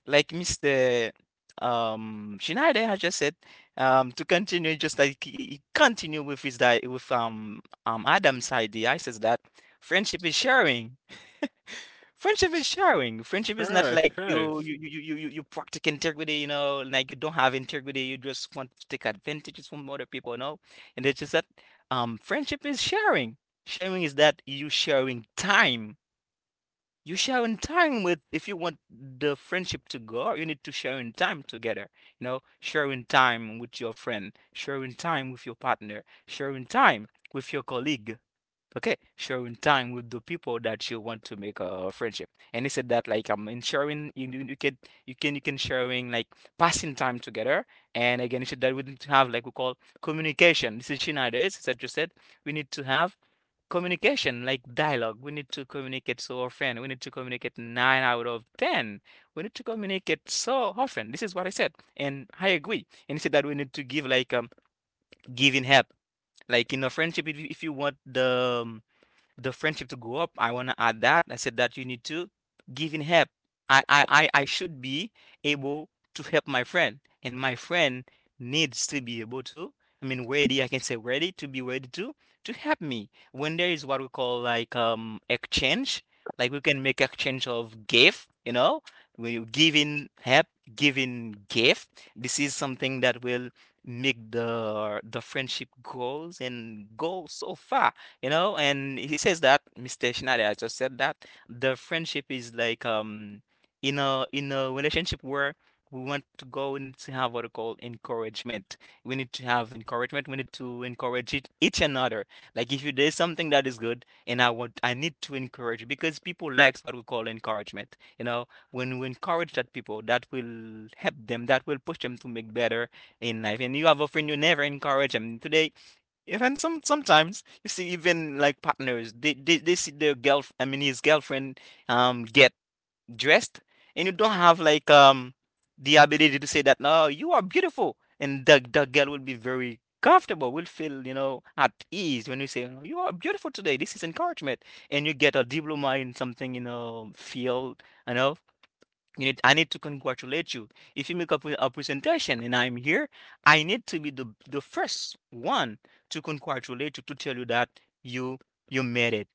[SPEAKER 1] like Mr. Schneider has just said, to continue, just like he continue with his di with Adam's idea. I says that friendship is sharing. Friendship is sharing. Friendship is not
[SPEAKER 2] sure,
[SPEAKER 1] like
[SPEAKER 2] sure.
[SPEAKER 1] you practice integrity, you know, like you don't have integrity. You just want to take advantages from other people, no. And it's just that friendship is sharing. Sharing is that you sharing time you share in time with, if you want the friendship to go, you need to share in time together. You know, sharing time with your friend, sharing time with your partner, sharing time with your colleague. Okay, sharing time with the people that you want to make a friendship. And he said that like in sharing you can you can sharing like passing time together. And again, he said that we need to have like we call communication. This is Schneider's that just said we need to have communication, like dialogue. We need to communicate so often. We need to communicate nine out of ten. We need to communicate so often. This is what I said, and I agree. And he said that we need to give like giving help, like in a friendship. If you want the friendship to go up. I want to add that. I said that you need to give in help. I should be able to help my friend, and my friend needs to be able to. I mean, ready. I can say ready to to help me when there is what we call like exchange. Like we can make exchange of gift. You know, when you give in help, giving gift. This is something that will make the friendship grows and go so far. You know, and he says that Mr. Schneider I just said that the friendship is like in a relationship where we want to go and to have what we call encouragement. We need to have encouragement. We need to encourage each another. Like if you there's something that is good and I need to encourage you because people likes what we call encouragement. You know, when we encourage that people that will help them, that will push them to make better in life. And you have a friend you never encourage them today, even sometimes you see even like partners they see their girl I mean his girlfriend get dressed, and you don't have like the ability to say that no you are beautiful, and the girl will be very comfortable, will feel you know at ease when you say, "Oh, you are beautiful today." This is encouragement. And you get a diploma in something, you know, field, you know, you need I need to congratulate you. If you make up a presentation and I'm here, I need to be the first one to congratulate you, to tell you that you you made it,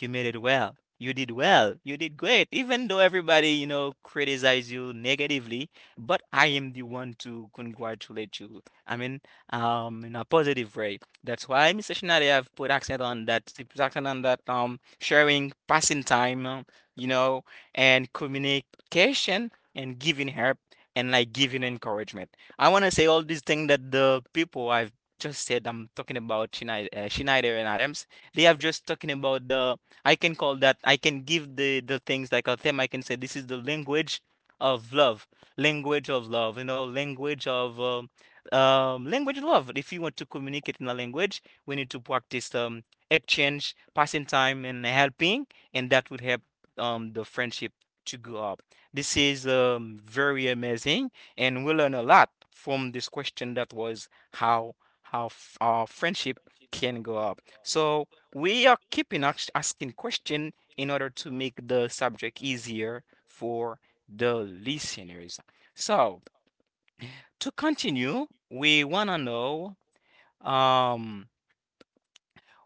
[SPEAKER 1] you made it well, you did well, you did great, even though everybody you know criticize you negatively, but I am the one to congratulate you. I mean, in a positive way. That's why Mr. I have put accent on that, accent on that sharing, passing time, you know, and communication and giving help and like giving encouragement. I want to say all these things that the people I've just said I'm talking about Schneider, Schneider and Adams. They have just talking about the I can call that I can give the things like a theme. I can say this is the language of love, language of love. You know, language of love. If you want to communicate in a language, we need to practice exchange, passing time, and helping, and that would help the friendship to go up. This is very amazing, and we learn a lot from this question that was how our friendship can go up. So we are keeping asking question in order to make the subject easier for the listeners. So to continue, we wanna know um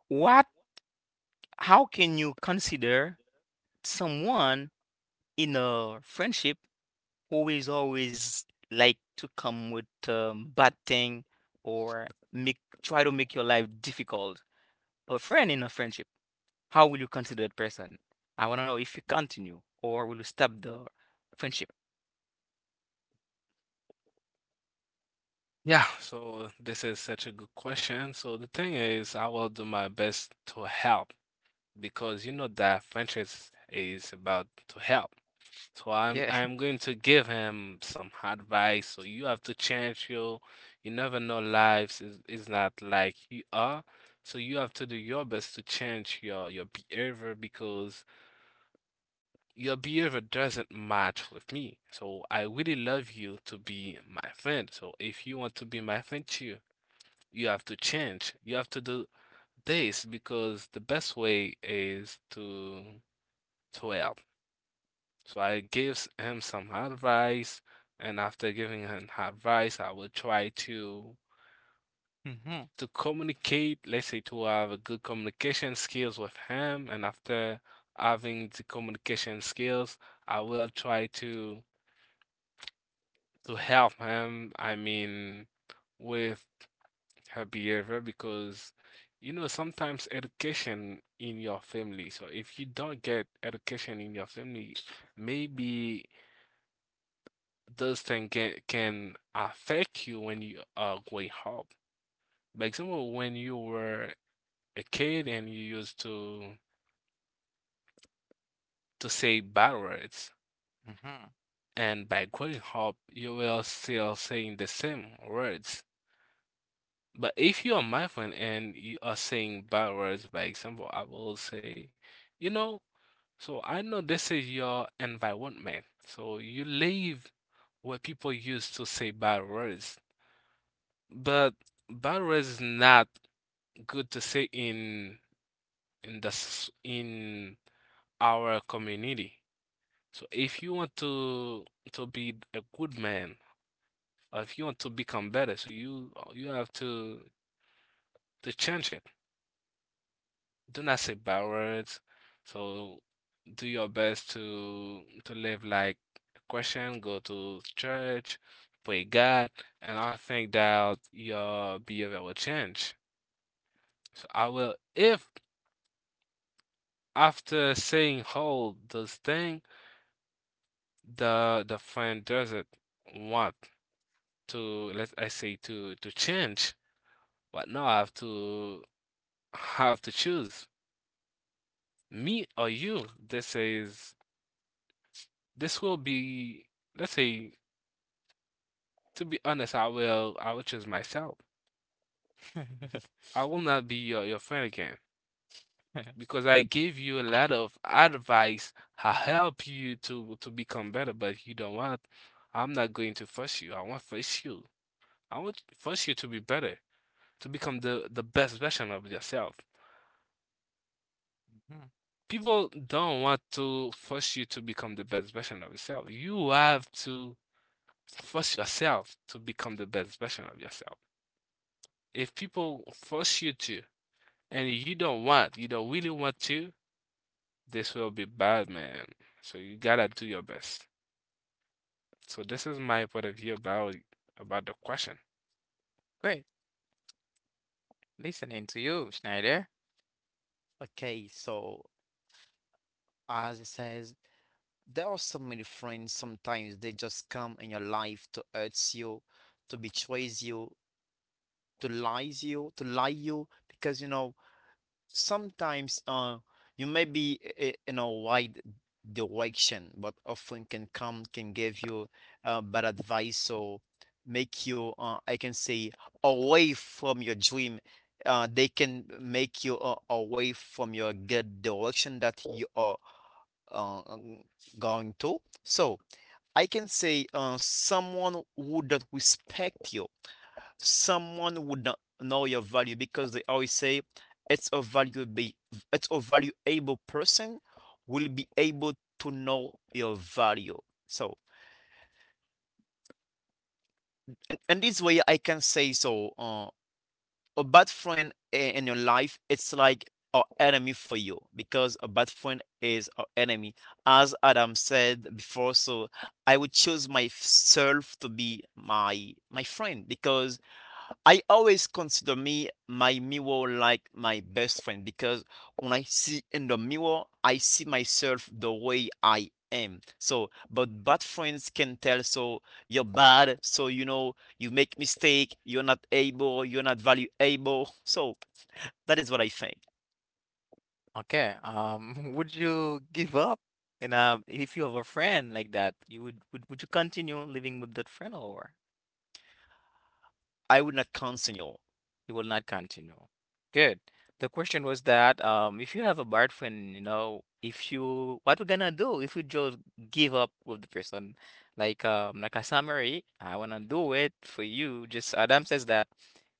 [SPEAKER 1] what how can you consider someone in a friendship who is always like to come with bad thing or make try to make your life difficult. A friend in a friendship, how will you consider that person? I want to know if you continue or will you stop the friendship?
[SPEAKER 2] So this is such a good question. So the thing is, I will do my best to help because you know that Francis is about to help. So I'm
[SPEAKER 1] Yeah.
[SPEAKER 2] I'm going to give him some advice. So you have to change your, you never know lives is not like you are. So you have to do your best to change your behavior because your behavior doesn't match with me. So I really love you to be my friend. So if you want to be my friend too, you have to change. You have to do this because the best way is to help. So I gives him some advice, and after giving him advice, I will try
[SPEAKER 1] Mm-hmm.
[SPEAKER 2] to communicate, let's say to have a good communication skills with him, and after having the communication skills, I will try to help him, I mean, with her behavior because you know sometimes education in your family. So if you don't get education in your family, maybe those things can affect you when you are growing up. By example, when you were a kid and you used to say bad words,
[SPEAKER 1] Mm-hmm.
[SPEAKER 2] and by growing up, you will still saying the same words. But if you are my friend and you are saying bad words, by example, I will say, you know, so I know this is your environment. So you live where people used to say bad words. But bad words is not good to say in the s- in our community. So if you want to be a good man, or if you want to become better, so you have to change it. Do not say bad words. So do your best to live like a Christian, go to church, pray God, and I think that your behavior will change. So I will if after saying all those thing, the friend doesn't want to let's I say to change, but now I have to have to choose me or you. This is this will be let's say to be honest, I will choose myself. I will not be your friend again because I gave you a lot of advice. I help you to become better, but you don't want. I'm not going to force you. I want force you. I want force you to be better, to become the best version of yourself. People don't want to force you to become the best version of yourself. You have to force yourself to become the best version of yourself. If people force you to, and you don't want, you don't really want to, this will be bad, man. So you gotta do your best. So this is my point of view about the question.
[SPEAKER 1] Great. Listening to you, Schneider.
[SPEAKER 3] Okay, so as it says, there are so many friends, sometimes they just come in your life to hurt you, to betray you, to lie you, to lie you, because you know sometimes you may be in a wide direction, but often can come can give you bad advice or make you, I can say, away from your dream. They can make you away from your good direction that you are uh, um, going to. So I can say, someone who don't respect you, someone would not know your value because they always say it's a valuable, it's a valuable person will be able to know your value. So and this way I can say, so a bad friend in your life, it's like an enemy for you, because a bad friend is an enemy, as Adam said before. So I would choose myself to be my friend because I always consider me my mirror like my best friend, because when I see in the mirror, I see myself the way I am. So, but bad friends can tell, so you're bad, so you know, you make mistake, you're not able, you're not valuable. So that is what I think.
[SPEAKER 1] Okay. Would you give up? And if you have a friend like that, you would, would you continue living with that friend or?
[SPEAKER 3] I would not consider your
[SPEAKER 1] You will not continue. Good. The question was that if you have a bad friend, you know, if you what we're gonna do if we just give up with the person, like a summary, I wanna do it for you. Just Adam says that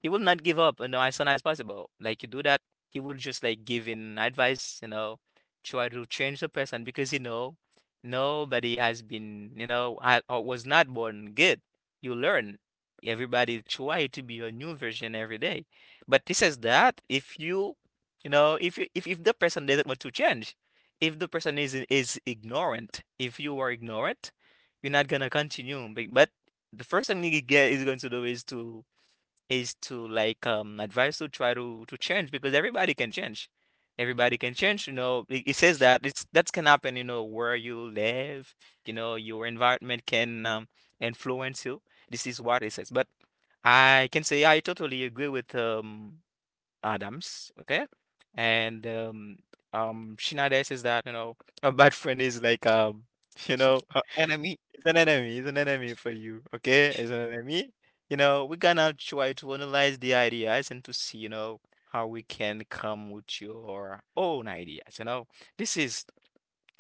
[SPEAKER 1] he will not give up, you know, as soon as possible. Like you do that, he will just like give in advice, you know, try to change the person because you know nobody has been, you know, or was not born good. You learn everybody try to be a new version every day. But this is that if you, you know, if you if the person doesn't want to change, if the person is ignorant, if you are ignorant, you're not gonna continue. But the first thing you get is going to do is to like advise to try to change because everybody can change. Everybody can change, you know. It says that it's that can happen, you know, where you live, you know, your environment can influence you. This is what it says. But I can say I totally agree with Adams, okay? And Shinada says that, you know, a bad friend is like you know
[SPEAKER 3] enemy.
[SPEAKER 1] it's an enemy. It's an enemy for you. Okay, it's an enemy. You know, we're gonna try to analyze the ideas and to see, you know, how we can come with your own ideas. You know, this is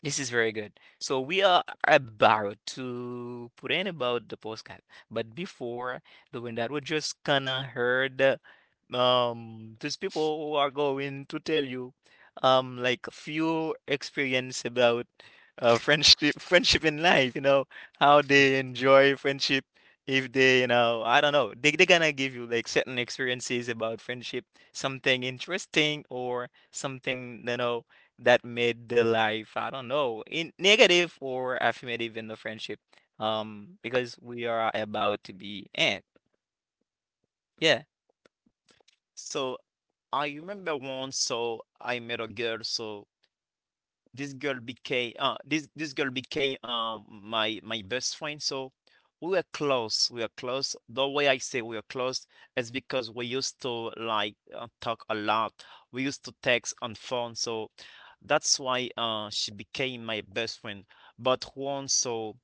[SPEAKER 1] this is very good. So we are about to put in about the postcard, but before doing that, we just kinda heard these people who are going to tell you like a few experience about friendship friendship in life, you know, how they enjoy friendship if they, you know, I don't know. They're gonna give you like certain experiences about friendship, something interesting or something, you know, that made the life, I don't know, in negative or affirmative in the friendship. Because we are about to be and yeah.
[SPEAKER 3] So I remember once, so I met a girl, so this girl became this this girl became my best friend. So we were close, we were close, the way I say we were close is because we used to like talk a lot. We used to text on phone, so that's why she became my best friend. But once, so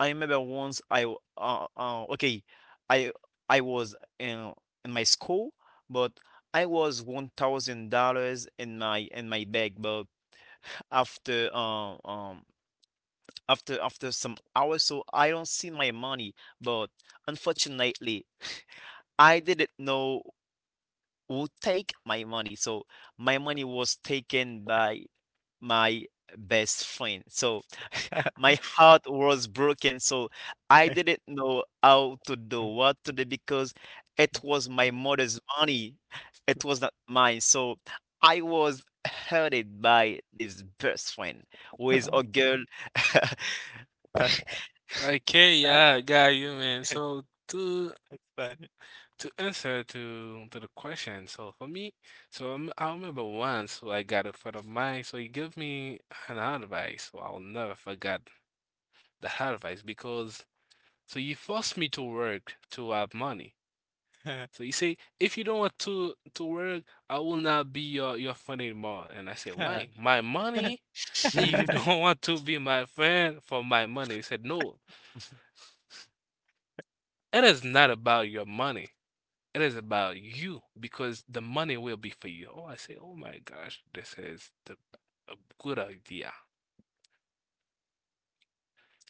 [SPEAKER 3] I remember once okay, i I was in my school, but I was $1,000 in my bag. But after after some hours, so I don't see my money, but unfortunately I didn't know who take my money. So my money was taken by my best friend. So my heart was broken. So I didn't know how to do, what to do, because it was my mother's money. It was not mine. So I was hurted by this best friend who
[SPEAKER 1] That's
[SPEAKER 3] is a girl.
[SPEAKER 2] Okay, yeah, I got you, man. So
[SPEAKER 1] that's funny.
[SPEAKER 2] to answer to the question, so for me, so I'm, I remember once so I got a friend of mine, so he gave me an advice. So I'll never forget the advice because so he forced me to work to have money. So you say, if you don't want to work, I will not be your friend anymore. And I said, why? My money? And you don't want to be my friend for my money? He said, no, it is not about your money. It is about you because the money will be for you. Oh, I say, oh my gosh, this is the a good idea.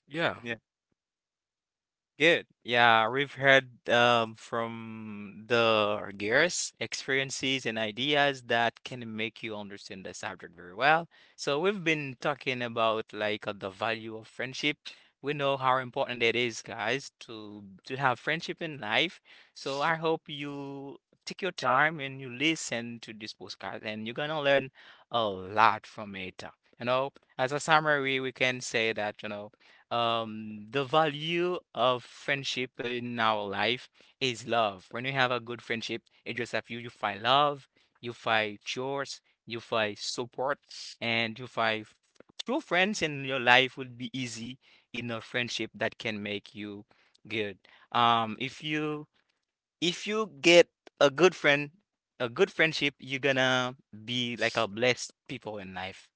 [SPEAKER 2] Yeah.
[SPEAKER 1] Good. Yeah, we've heard from the guests experiences and ideas that can make you understand the subject very well. So we've been talking about like the value of friendship. We know how important it is, guys, to have friendship in life. So I hope you take your time and you listen to this podcast, and you're gonna learn a lot from it. You know, as a summary, we can say that you know the value of friendship in our life is love. When you have a good friendship, it just have you you find love, you find chores, you find support, and you find true friends. And your life would be easy in a friendship that can make you good. Um if you if you get a good friend, a good friendship, you're gonna be like a blessed people in life.